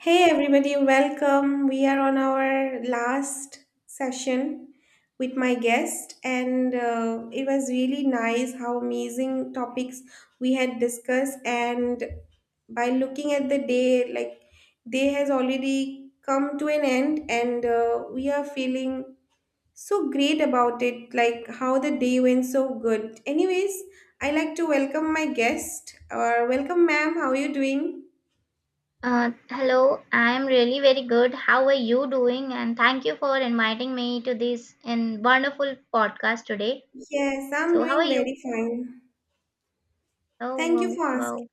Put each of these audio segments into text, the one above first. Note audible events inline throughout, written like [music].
Hey everybody, welcome. We are on our last session with my guest, and it was really nice how amazing topics we had discussed. And by looking at the day, like day has already come to an end, and we are feeling so great about it, like how the day went so good. Anyways, I like to welcome my guest or welcome, ma'am. How are you doing? Hello, I'm really very good. How are you doing? And thank you for inviting me to this in wonderful podcast today. Yes, I'm So, how are doing you? very fine. Oh, Thank you wow, for asking. wow.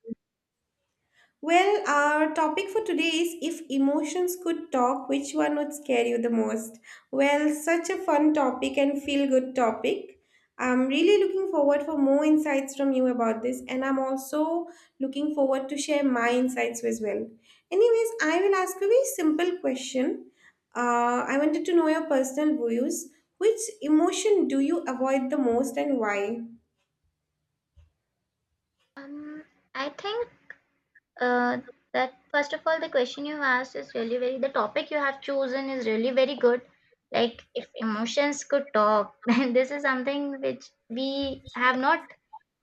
Well, our topic for today is, if emotions could talk, which one would scare you the most? Well, such a fun topic and feel good topic. I'm really looking forward for more insights from you about this, and I'm also looking forward to share my insights as well. Anyways, I will ask you a very simple question. I wanted to know your personal views. Which emotion do you avoid the most and why? Um, I think uh, that first of all, the question you asked is really very, the topic you have chosen is really very good. Like, if emotions could talk, [laughs] then this is something which we have not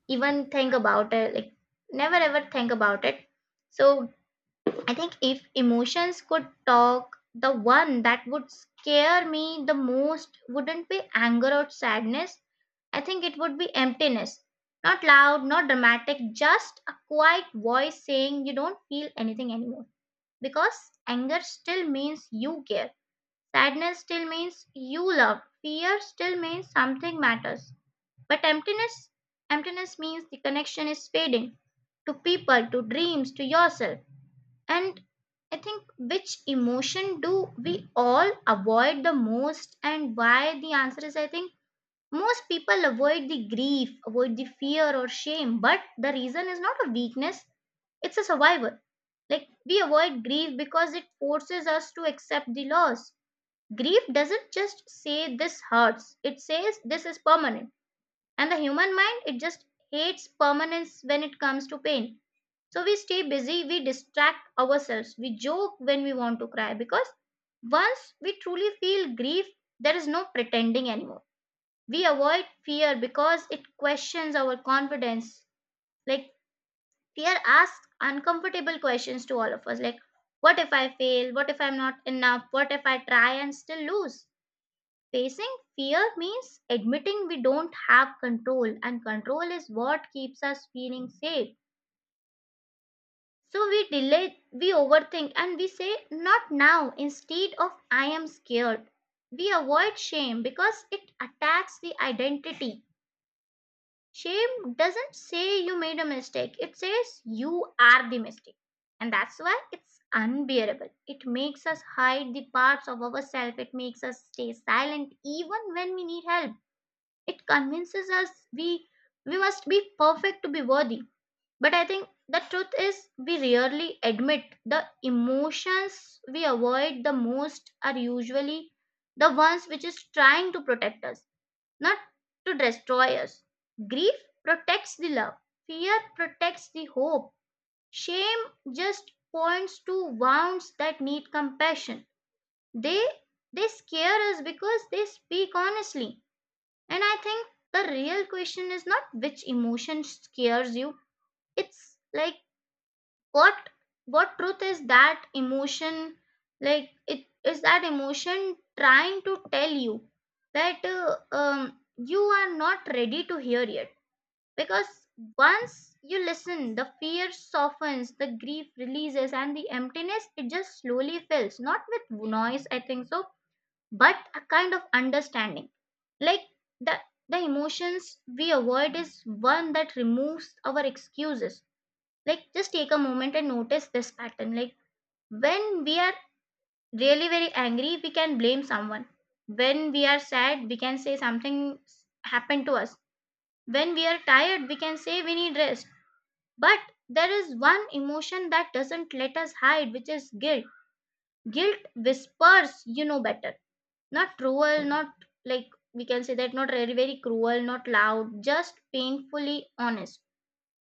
even think about it, like, never ever think about it. So, I think if emotions could talk, the one that would scare me the most wouldn't be anger or sadness. I think it would be emptiness. Not loud, not dramatic, just a quiet voice saying you don't feel anything anymore. Because anger still means you care. Sadness still means you love. Fear still means something matters. But emptiness, emptiness means the connection is fading to people, to dreams, to yourself, and I think, which emotion do we all avoid the most and why? The answer is, I think most people avoid the grief, avoid the fear or shame, but the reason is not a weakness, it's a survival. Like, we avoid grief because it forces us to accept the loss. Grief doesn't just say this hurts, it says this is permanent. And the human mind, it just hates permanence when it comes to pain, so we stay busy, we distract ourselves, we joke when we want to cry, because once we truly feel grief, there is no pretending anymore. We avoid fear because it questions our confidence. Like, fear asks uncomfortable questions to all of us, like what if I fail? What if I'm not enough? What if I try and still lose? Facing fear means admitting we don't have control, and control is what keeps us feeling safe. So we delay, we overthink, and we say, not now, instead of, I am scared. We avoid shame because it attacks the identity. Shame doesn't say you made a mistake, it says you are the mistake. And that's why it's unbearable. It makes us hide the parts of ourselves, it makes us stay silent even when we need help. It convinces us we must be perfect to be worthy, but I think the truth is, we rarely admit the emotions we avoid the most are usually the ones which is trying to protect us, not to destroy us. Grief protects the love, fear protects the hope, shame just points to wounds that need compassion. They they scare us because they speak honestly. And I think the real question is not which emotion scares you, it's like what truth like it is that emotion trying to tell you that you are not ready to hear it, because once you listen, the fear softens, the grief releases, and the emptiness, it just slowly fills, not with noise, I think so, but a kind of understanding. Like, the the emotions we avoid is one that removes our excuses. Like, just take a moment and notice this pattern. Like, when we are really very angry, we can blame someone. When we are sad, we can say something happened to us. When we are tired, we can say we need rest. But there is one emotion that doesn't let us hide, which is guilt. Guilt whispers, you know better. Not cruel, not like we can say that, not very, very cruel, not loud, just painfully honest.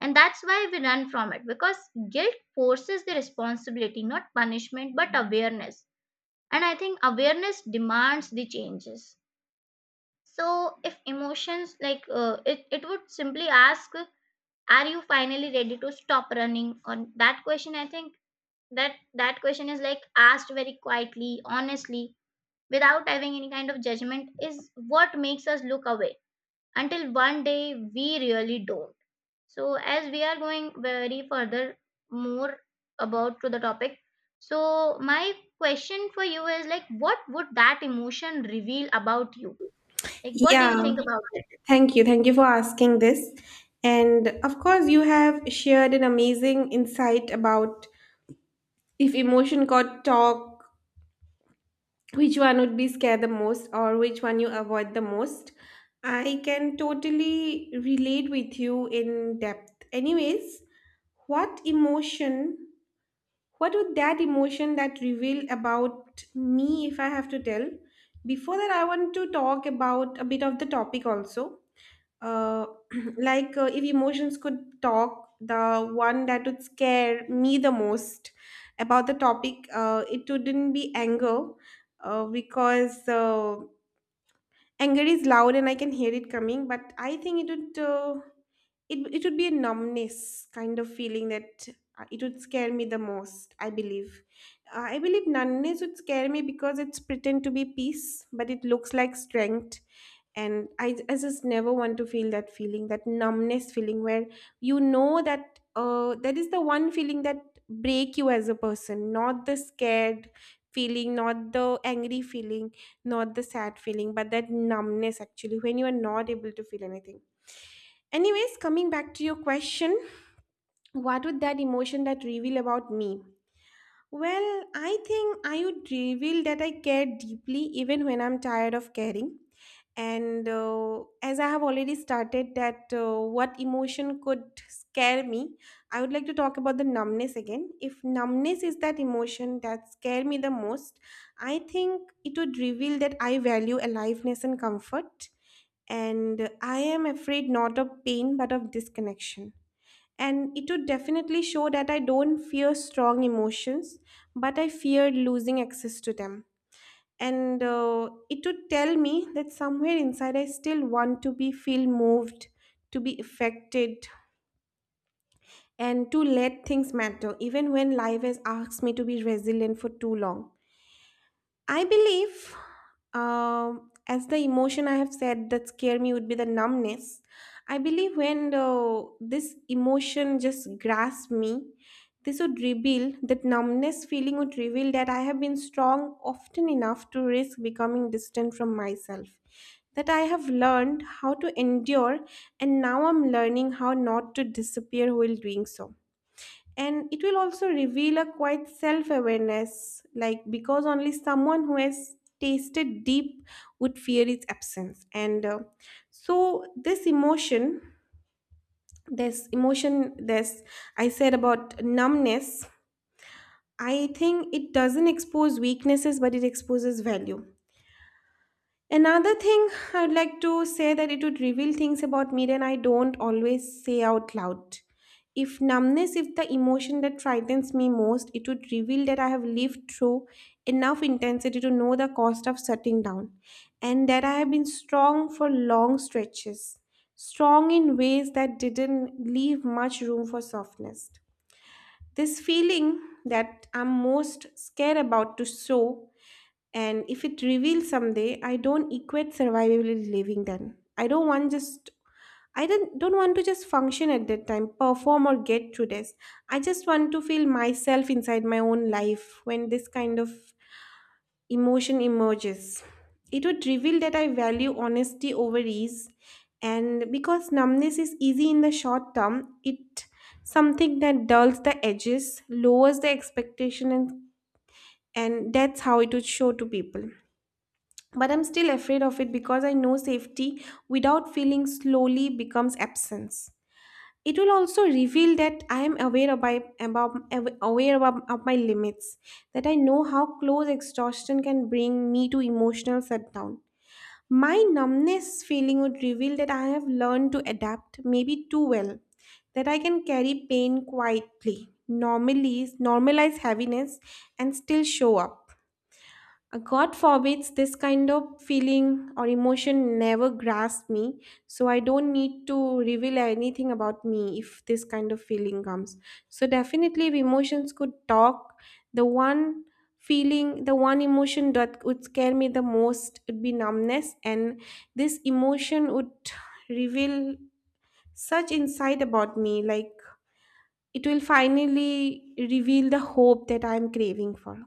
And that's why we run from it, because guilt forces the responsibility, not punishment, but awareness. And I think awareness demands the changes. So, if emotions, like it would simply ask, are you finally ready to stop running? On that question, I think that that question is like asked very quietly, honestly, without having any kind of judgment, is what makes us look away until one day we really don't. So as we are going very further, more about to the topic, so my question for you is, like, what would that emotion reveal about you? Like, what do Yeah. you think about it? Thank you. Thank you for asking this. And of course, you have shared an amazing insight about if emotion got talk, which one would be scared the most or which one you avoid the most. I can totally relate with you in depth. Anyways, what emotion, what would that emotion that reveal about me if I have to tell? Before that, I want to talk about a bit of the topic also. uh, [clears throat] like, if emotions could talk, the one that would scare me the most about the topic, it wouldn't be anger, because anger is loud and I can hear it coming, but I think it would be a numbness kind of feeling that it would scare me the most, I believe. I believe numbness would scare me because it's pretend to be peace but it looks like strength. And I just never want to feel that feeling, that numbness feeling where you know that that is the one feeling that break you as a person, not the scared feeling, not the angry feeling, not the sad feeling, but that numbness, actually, when you are not able to feel anything. Anyways, coming back to your question, what would that emotion that reveal about me? Well, I think I would reveal that I care deeply even when I'm tired of caring. And as I have already started that, what emotion could scare me, I would like to talk about the numbness again. If numbness is that emotion that scare me the most, I think it would reveal that I value aliveness and comfort, and I am afraid not of pain but of disconnection. And it would definitely show that I don't fear strong emotions, but I fear losing access to them. And it would tell me that somewhere inside I still want to be feel moved, to be affected, and to let things matter even when life has asked me to be resilient for too long. I believe, as the emotion I have said that scare me would be the numbness. I believe when this emotion just grasps me, this would reveal that numbness feeling would reveal that I have been strong often enough to risk becoming distant from myself. That I have learned how to endure, and now I'm learning how not to disappear while doing so. And it will also reveal a quite self awareness, like because only someone who has tasted deep would fear its absence. And so this emotion this emotion this I said about numbness, I think it doesn't expose weaknesses but it exposes value. Another thing I'd like to say that it would reveal things about me that I don't always say out loud. If numbness is the emotion that frightens me most, it would reveal that I have lived through enough intensity to know the cost of shutting down, and that I have been strong for long stretches, strong in ways that didn't leave much room for softness. This feeling that I'm most scared about to show, and if it reveals someday, I don't equate survival with living then. I don't want to just function at that time, perform or get through this. I just want to feel myself inside my own life when this kind of emotion emerges. It would reveal that I value honesty over ease. And because numbness is easy in the short term, it something that dulls the edges, lowers the expectation, and that's how it would show to people. But I'm still afraid of it because I know safety without feeling slowly becomes absence. It will also reveal that I am aware about, of my limits, that I know how close exhaustion can bring me to emotional shutdown. My numbness feeling would reveal that I have learned to adapt, maybe too well, that I can carry pain quietly, normally normalize heaviness, and still show up. God forbids this kind of feeling or emotion never grasp me, so I don't need to reveal anything about me if this kind of feeling comes. So definitely, if emotions could talk, the one the one emotion that would scare me the most would be numbness, and this emotion would reveal such insight about me, like it will finally reveal the hope that I'm craving for,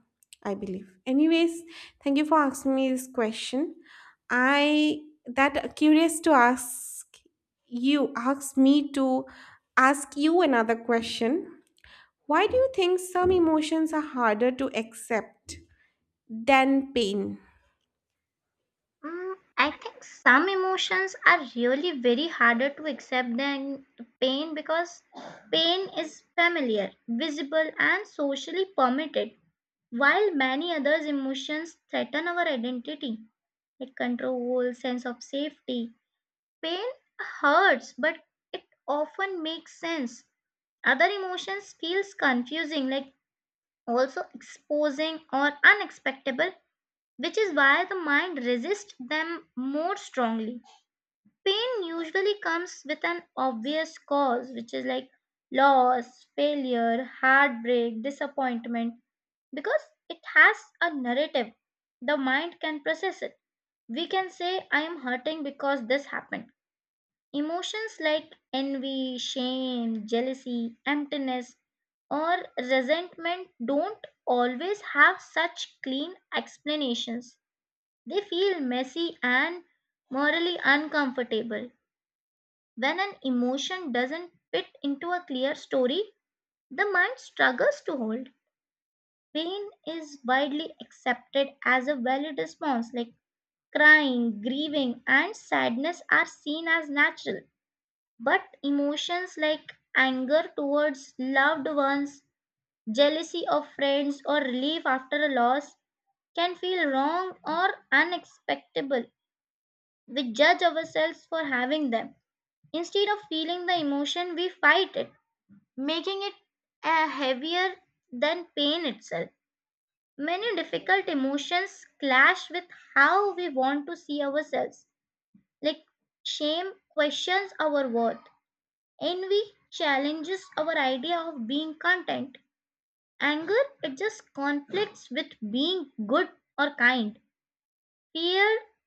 I believe. Anyways, thank you for asking me this question. I that curious to ask you ask me to ask you another question. Why do you think some emotions are harder to accept than pain? Mm, I think some emotions are really very harder to accept than pain, because pain is familiar, visible, and socially permitted, while many others emotions threaten our identity, like control, sense of safety. Pain hurts, but it often makes sense. Other emotions feels confusing, like also exposing or unexpectable, which is why the mind resists them more strongly. Pain usually comes with an obvious cause, which is like loss, failure, heartbreak, disappointment, because it has a narrative. The mind can process it. We can say, I am hurting because this happened. Emotions like envy, shame, jealousy, emptiness, or resentment don't always have such clean explanations. They feel messy and morally uncomfortable. When an emotion doesn't fit into a clear story, the mind struggles to hold. Pain is widely accepted as a valid response, like crying, grieving, and sadness are seen as natural. But emotions like anger towards loved ones, jealousy of friends, or relief after a loss can feel wrong or unacceptable. We judge ourselves for having them. Instead of feeling the emotion, we fight it, making it heavier than pain itself. Many difficult emotions clash with how we want to see ourselves, like shame questions our worth. Envy challenges our idea of being content. Anger, it just conflicts with being good or kind. Fear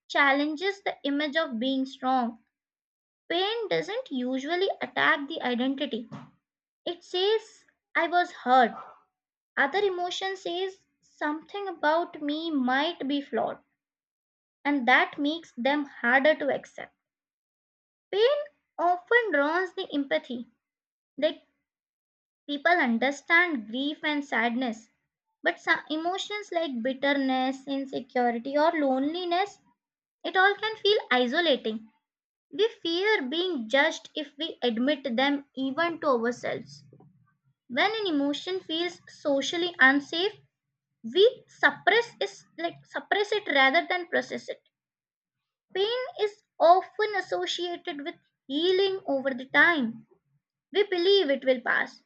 challenges the image of being strong. Pain doesn't usually attack the identity. It says, I was hurt. Other emotion says, something about me might be flawed, and that makes them harder to accept. Pain often draws the empathy. They People understand grief and sadness, but some emotions like bitterness, insecurity, or loneliness, it all can feel isolating. We fear being judged if we admit them even to ourselves. When an emotion feels socially unsafe, we suppress is like suppress it rather than process it. Pain is often associated with healing over the time. We believe it will pass,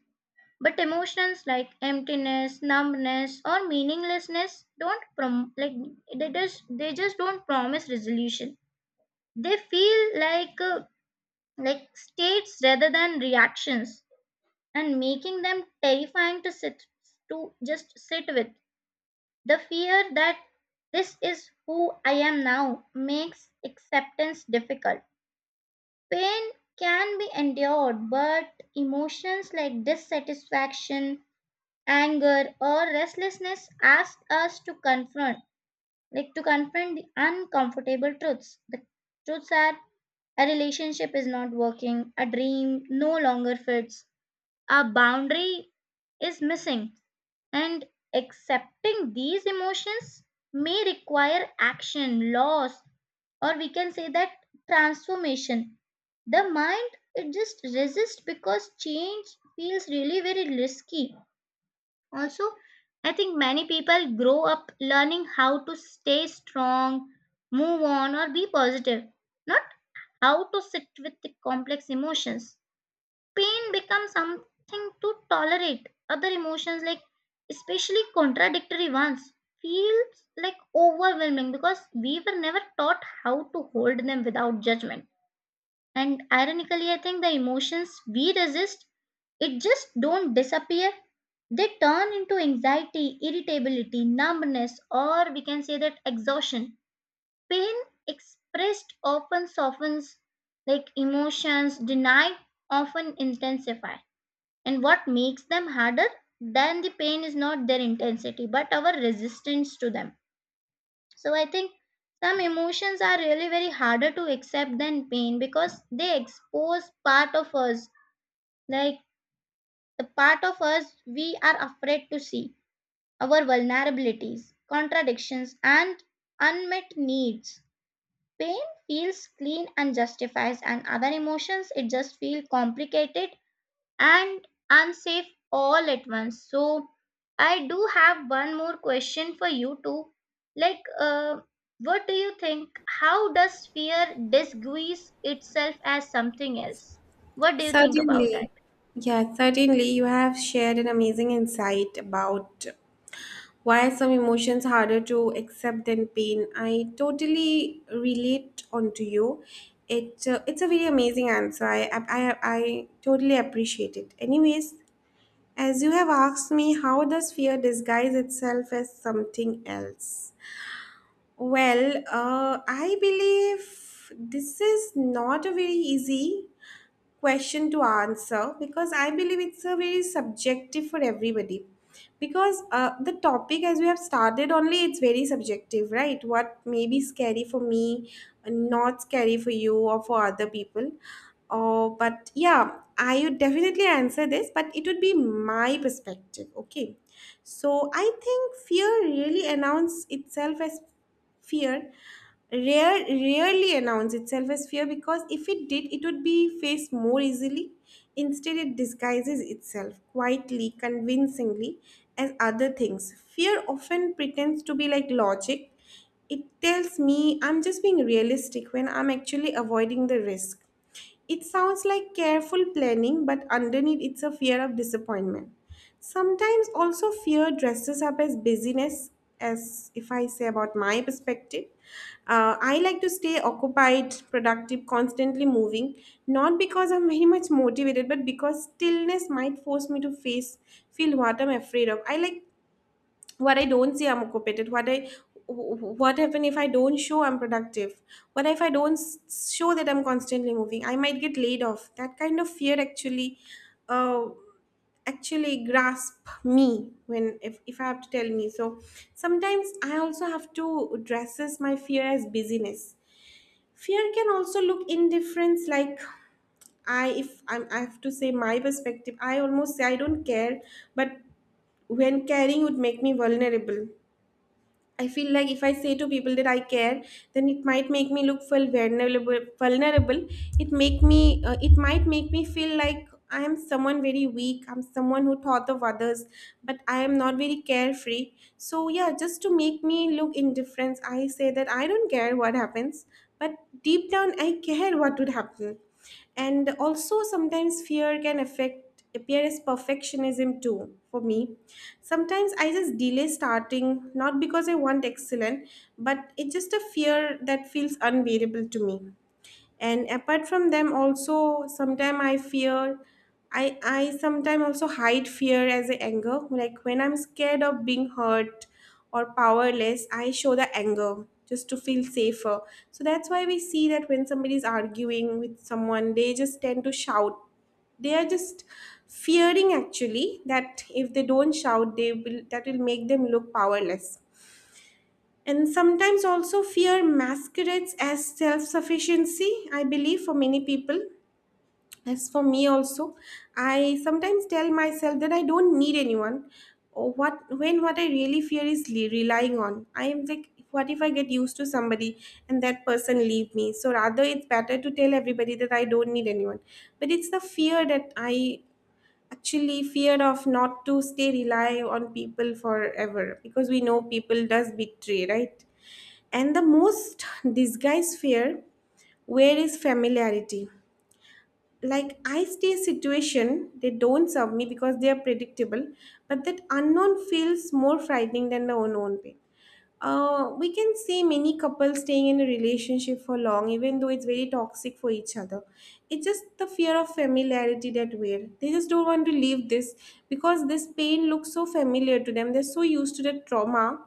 but emotions like emptiness, numbness, or meaninglessness don't like they just don't promise resolution. They feel like states rather than reactions, and making them terrifying to sit to just sit with. The fear that this is who I am now makes acceptance difficult. Pain can be endured, but emotions like dissatisfaction, anger, or restlessness asks us to confront like to confront the uncomfortable truths. The truths are, a relationship is not working, a dream no longer fits, a boundary is missing, and accepting these emotions may require action, loss, or we can say that, transformation. The mind, it just resists because change feels really very risky. Also, I think many people grow up learning how to stay strong, move on, or be positive, not how to sit with the complex emotions. Pain becomes something to tolerate. Other emotions, like especially contradictory ones, feels like overwhelming because we were never taught how to hold them without judgment. And ironically, I think the emotions we resist, it just don't disappear. They turn into anxiety, irritability, numbness, or we can say that, exhaustion. Pain expressed often softens, like emotions denied often intensify. And what makes them harder than the pain is not their intensity, but our resistance to them. So I think some emotions are really very harder to accept than pain because they expose part of us, like the part of us we are afraid to see, our vulnerabilities, contradictions, and unmet needs. Pain feels clean and justifies, and other emotions, it just feel complicated and unsafe all at once. So, I do have one more question for you too. Like, what do you think? How does fear disguise itself as something else? What do you think about Certainly. that? Yeah, certainly. You have shared an amazing insight about, why are some emotions harder to accept than pain? I totally relate onto you. It's a very amazing answer. I totally appreciate it. Anyways, as you have asked me, how does fear disguise itself as something else? Well, I believe this is not a very easy question to answer, because I believe it's a very subjective for everybody. Because the topic, as we have started, only it's very subjective, right? What may be scary for me, not scary for you or for other people. Oh, but yeah, I would definitely answer this, but it would be my perspective. Okay. So I think fear rarely announces itself as fear, because if it did, it would be faced more easily. Instead, it disguises itself quietly, convincingly, as other things. Fear often pretends to be like logic. It tells me I'm just being realistic when I'm actually avoiding the risk. It sounds like careful planning, but underneath it's a fear of disappointment. Sometimes also fear dresses up as busyness, as if I say about my perspective. I like to stay occupied, productive, constantly moving, not because I'm very much motivated, but because stillness might force me to face feel what I'm afraid of. I like what I don't see I'm occupated what I What happen if I don't show I'm productive? What if I don't show that I'm constantly moving? I might get laid off. That kind of fear actually, uh, actually grasp me when if I have to tell me. So sometimes I also have to dresses my fear as busyness. Fear can also look indifference, like I if I'm, I have to say my perspective, I almost say I don't care, but when caring would make me vulnerable. I feel like if I say to people that I care, then it might make me look feel vulnerable. Vulnerable. It might make me feel like I am someone very weak. I'm someone who thought of others, but I am not very carefree. So yeah, just to make me look indifferent, I say that I don't care what happens, but deep down I care what would happen. And also sometimes fear can affect appear as perfectionism too. For me, sometimes I just delay starting, not because I want excellent, but it's just a fear that feels unbearable to me. And apart from them, also sometimes I sometimes also hide fear as a anger, like when I'm scared of being hurt or powerless, I show the anger just to feel safer. So that's why we see that when somebody is arguing with someone, they just tend to shout. They are just fearing actually that if they don't shout, they will that will make them look powerless. And sometimes also fear masquerades as self sufficiency, I believe, for many people. As for me, also, I sometimes tell myself that I don't need anyone. Or what when what I really fear is relying on. I am like, what if I get used to somebody and that person leave me? So rather, it's better to tell everybody that I don't need anyone. But it's the fear that I actually fear of not to stay rely on people forever because we know people does betray, right? And the most disguise fear where is familiarity. Like I stay situation, they don't serve me because they are predictable, but that unknown feels more frightening than the unknown pain. We can see many couples staying in a relationship for long, even though it's very toxic for each other. It's just the fear of familiarity that we're. They just don't want to leave this because this pain looks so familiar to them. They're so used to the trauma,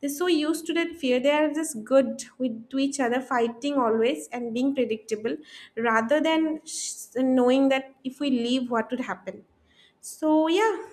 they're so used to that fear. They are just good with to each other, fighting always and being predictable, rather than knowing that if we leave, what would happen. So yeah,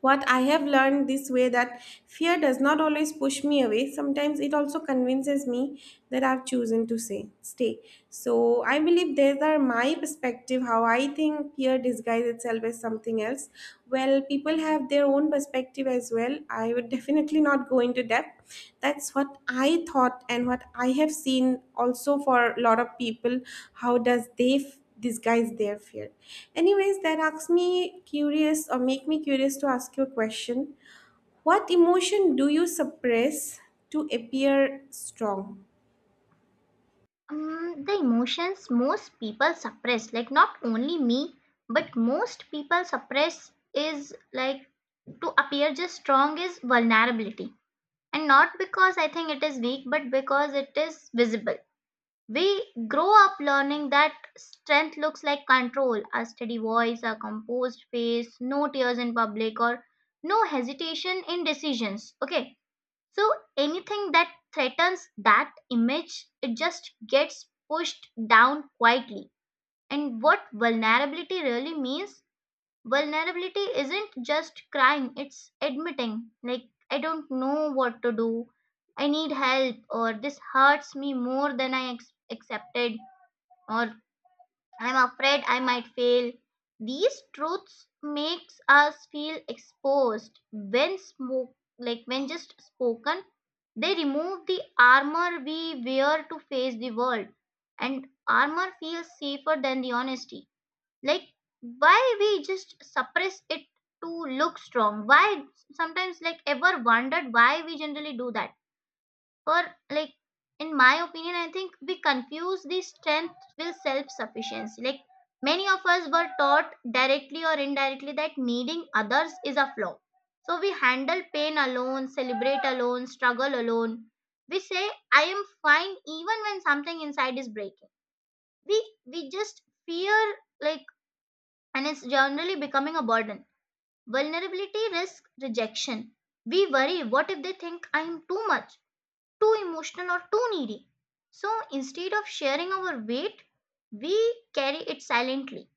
what I have learned this way that fear does not always push me away. Sometimes it also convinces me that I've chosen to say stay. So I believe these are my perspective, how I think fear disguises itself as something else. Well, people have their own perspective as well. I would [laughs] definitely not go into depth. That's what I thought and what I have seen also for a lot of people. How does they disguise their fear. Anyways, that asks me curious or make me curious to ask you a question. What emotion do you suppress to appear strong? The emotions most people suppress, like not only me, but most people suppress is, like, to appear just strong, is vulnerability. And not because I think it is weak, but because it is visible. We grow up learning that strength looks like control, a steady voice, a composed face, no tears in public, or no hesitation in decisions. Okay, so anything that threatens that image, it just gets pushed down quietly. And what vulnerability really means? Vulnerability isn't just crying, it's admitting, like, I don't know what to do, I need help, or this hurts me more than I accepted, or I'm afraid I might fail. These truths makes us feel exposed when smoke like when just spoken, they remove the armor we wear to face the world. And armor feels safer than the honesty. Like, why we just suppress it to look strong? Why sometimes, like, ever wondered why we generally do that? Or, like, in my opinion, I think we confuse the strength with self sufficiency. Like, many of us were taught directly or indirectly that needing others is a flaw, so we handle pain alone, celebrate alone, struggle alone. We say, I am fine, even when something inside is breaking. we we just fear, like, and it's generally becoming a burden. Vulnerability risks rejection. We worry, what if they think I am too much, too emotional, or too needy? So instead of sharing our weight, we carry it silently.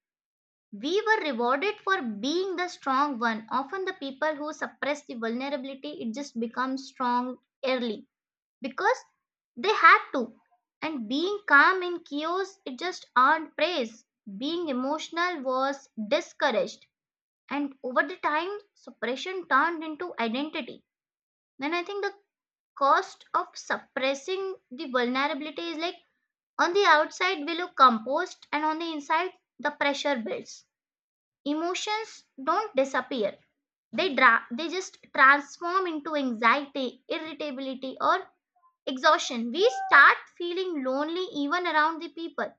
We were rewarded for being the strong one. Often, the people who suppress the vulnerability, it just becomes strong early because they had to. And being calm in chaos, it just earned praise. Being emotional was discouraged. And over the time, suppression turned into identity. Then I think the cost of suppressing the vulnerability is, like, on the outside we look composed, and on the inside the pressure builds. Emotions don't disappear, they they just transform into anxiety, irritability, or exhaustion. We start feeling lonely even around the people.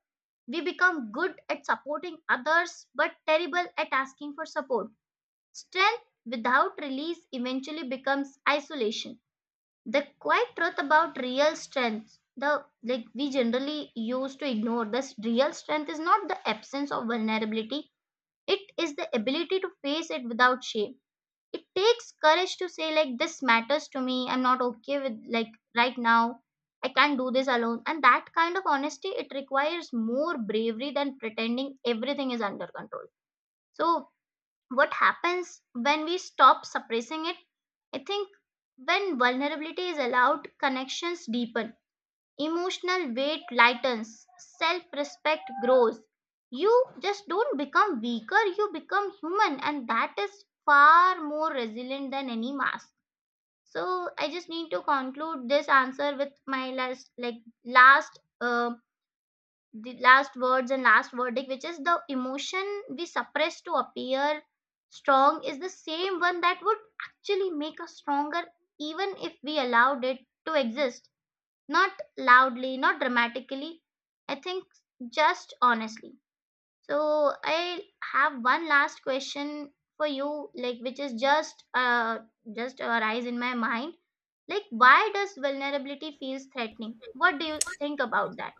We become good at supporting others but terrible at asking for support. Strength without release eventually becomes isolation. The quiet truth about real strength, the like we generally used to ignore this, real strength is not the absence of vulnerability, it is the ability to face it without shame. It takes courage to say, like, this matters to me, I'm not okay with, like, right now I can't do this alone, and that kind of honesty, it requires more bravery than pretending everything is under control. So what happens when we stop suppressing it? I think when vulnerability is allowed, connections deepen, emotional weight lightens, self respect grows. You just don't become weaker, you become human, and that is far more resilient than any mask. So I just need to conclude this answer with my last words and last verdict, which is, the emotion we suppress to appear strong is the same one that would actually make us stronger even if we allowed it to exist. Not loudly, not dramatically, I think just honestly. So, I have one last question for you, like, which is just arise in my mind. Like, why does vulnerability feels threatening? What do you think about that?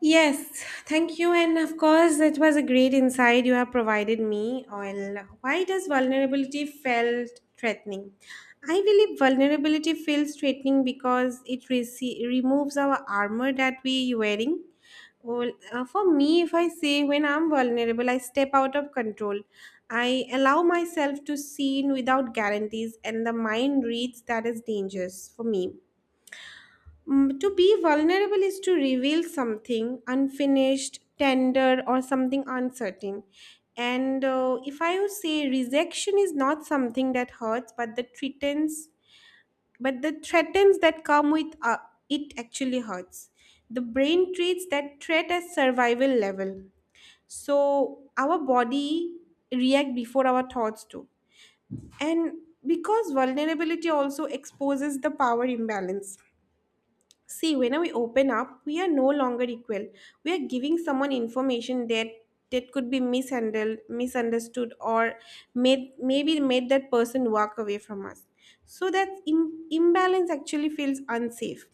Yes, thank you. And of course, it was a great insight you have provided me on why does vulnerability felt threatening? I believe vulnerability feels threatening because it removes our armor that we wearing. Well, for me, if I say when I'm vulnerable, I step out of control. I allow myself to see in without guarantees, and the mind reads that is dangerous for me. Mm, to be vulnerable is to reveal something unfinished, tender, or something uncertain. And if I would say rejection is not something that hurts, but the threatens that come with it actually hurts. The brain treats that threat as survival level. So our body react before our thoughts do. And because vulnerability also exposes the power imbalance. See, when we open up, we are no longer equal. We are giving someone information that that could be mishandled, misunderstood, or made, maybe made that person walk away from us. So that imbalance actually feels unsafe.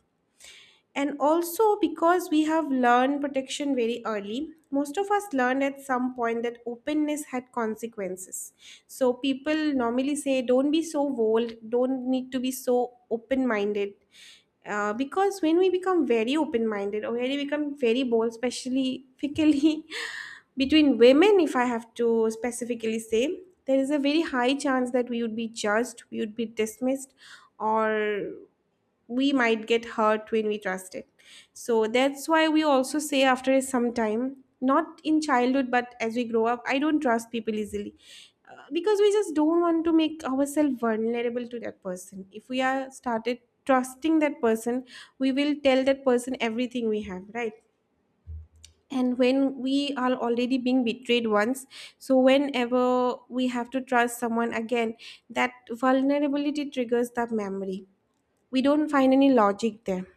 And also because we have learned protection very early, most of us learned at some point that openness had consequences. So people normally say don't be so bold, don't need to be so open minded. Because when we become very open minded or when we become very bold, especially particularly [laughs] between women, if I have to specifically say, there is a very high chance that we would be judged, we would be dismissed, or we might get hurt when we trust it. So that's why we also say after some time, not in childhood, but as we grow up, I don't trust people easily. Because we just don't want to make ourselves vulnerable to that person. If we are started trusting that person, we will tell that person everything we have, right? And when we are already being betrayed once, so whenever we have to trust someone again, that vulnerability triggers that memory. We don't find any logic there.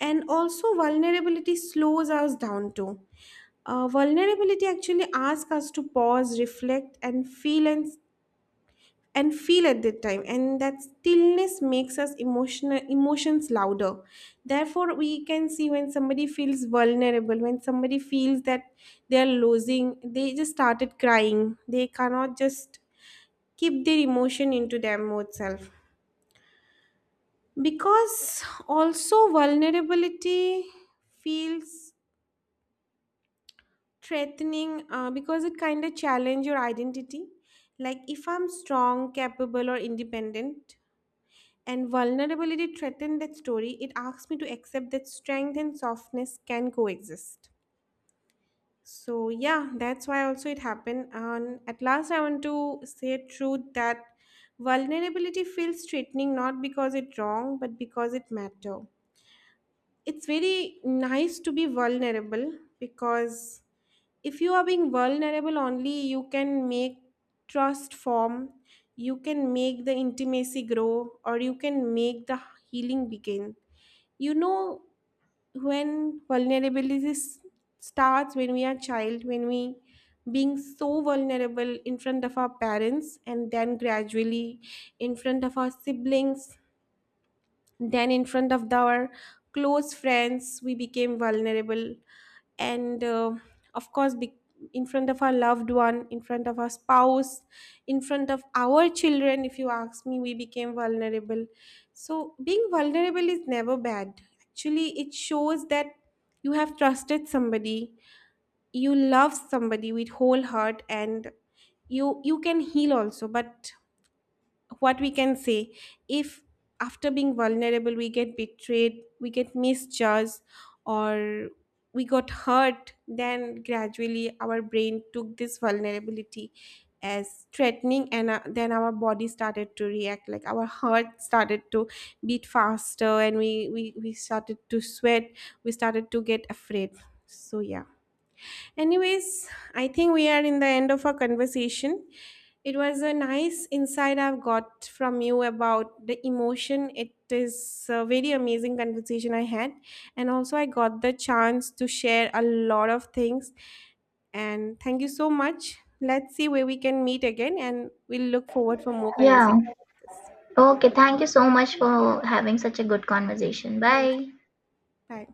And also vulnerability slows us down too. Vulnerability actually asks us to pause, reflect and feel, and feel at that time, and that stillness makes us emotional, emotions louder. Therefore we can see when somebody feels vulnerable, when somebody feels that they are losing, they just started crying, they cannot just keep their emotion into their mode self. Because also vulnerability feels threatening, because it kind of challenge your identity. Like if I'm strong, capable or independent, and vulnerability threaten that story, it asks me to accept that strength and softness can coexist. So yeah, that's why also it happened. And at last I want to say a truth that vulnerability feels threatening not because it's wrong but because it matter. It's very nice to be vulnerable because if you are being vulnerable only, you can make trust form, you can make the intimacy grow, or you can make the healing begin. You know, when vulnerability starts when we are child, when we being so vulnerable in front of our parents, and then gradually in front of our siblings, then, in front of our close friends, we became vulnerable. And of course, in front of our loved one, in front of our spouse, in front of our children, if you ask me, we became vulnerable. So, being vulnerable is never bad. Actually, it shows that you have trusted somebody, you love somebody with whole heart, and you can heal also. But what we can say, if after being vulnerable we get betrayed, we get misjudged, or we got hurt, then gradually our brain took this vulnerability as threatening. And then our body started to react, like our heart started to beat faster, and we started to sweat, we started to get afraid. So yeah. Anyways, I think we are in the end of our conversation. It was a nice insight I've got from you about the emotion. It is a very amazing conversation I had. And also, I got the chance to share a lot of things. And thank you so much. Let's see where we can meet again. And we'll look forward for more Yeah, conversation like this. okay, thank you so much for having such a good conversation. Thank you. Bye. Bye.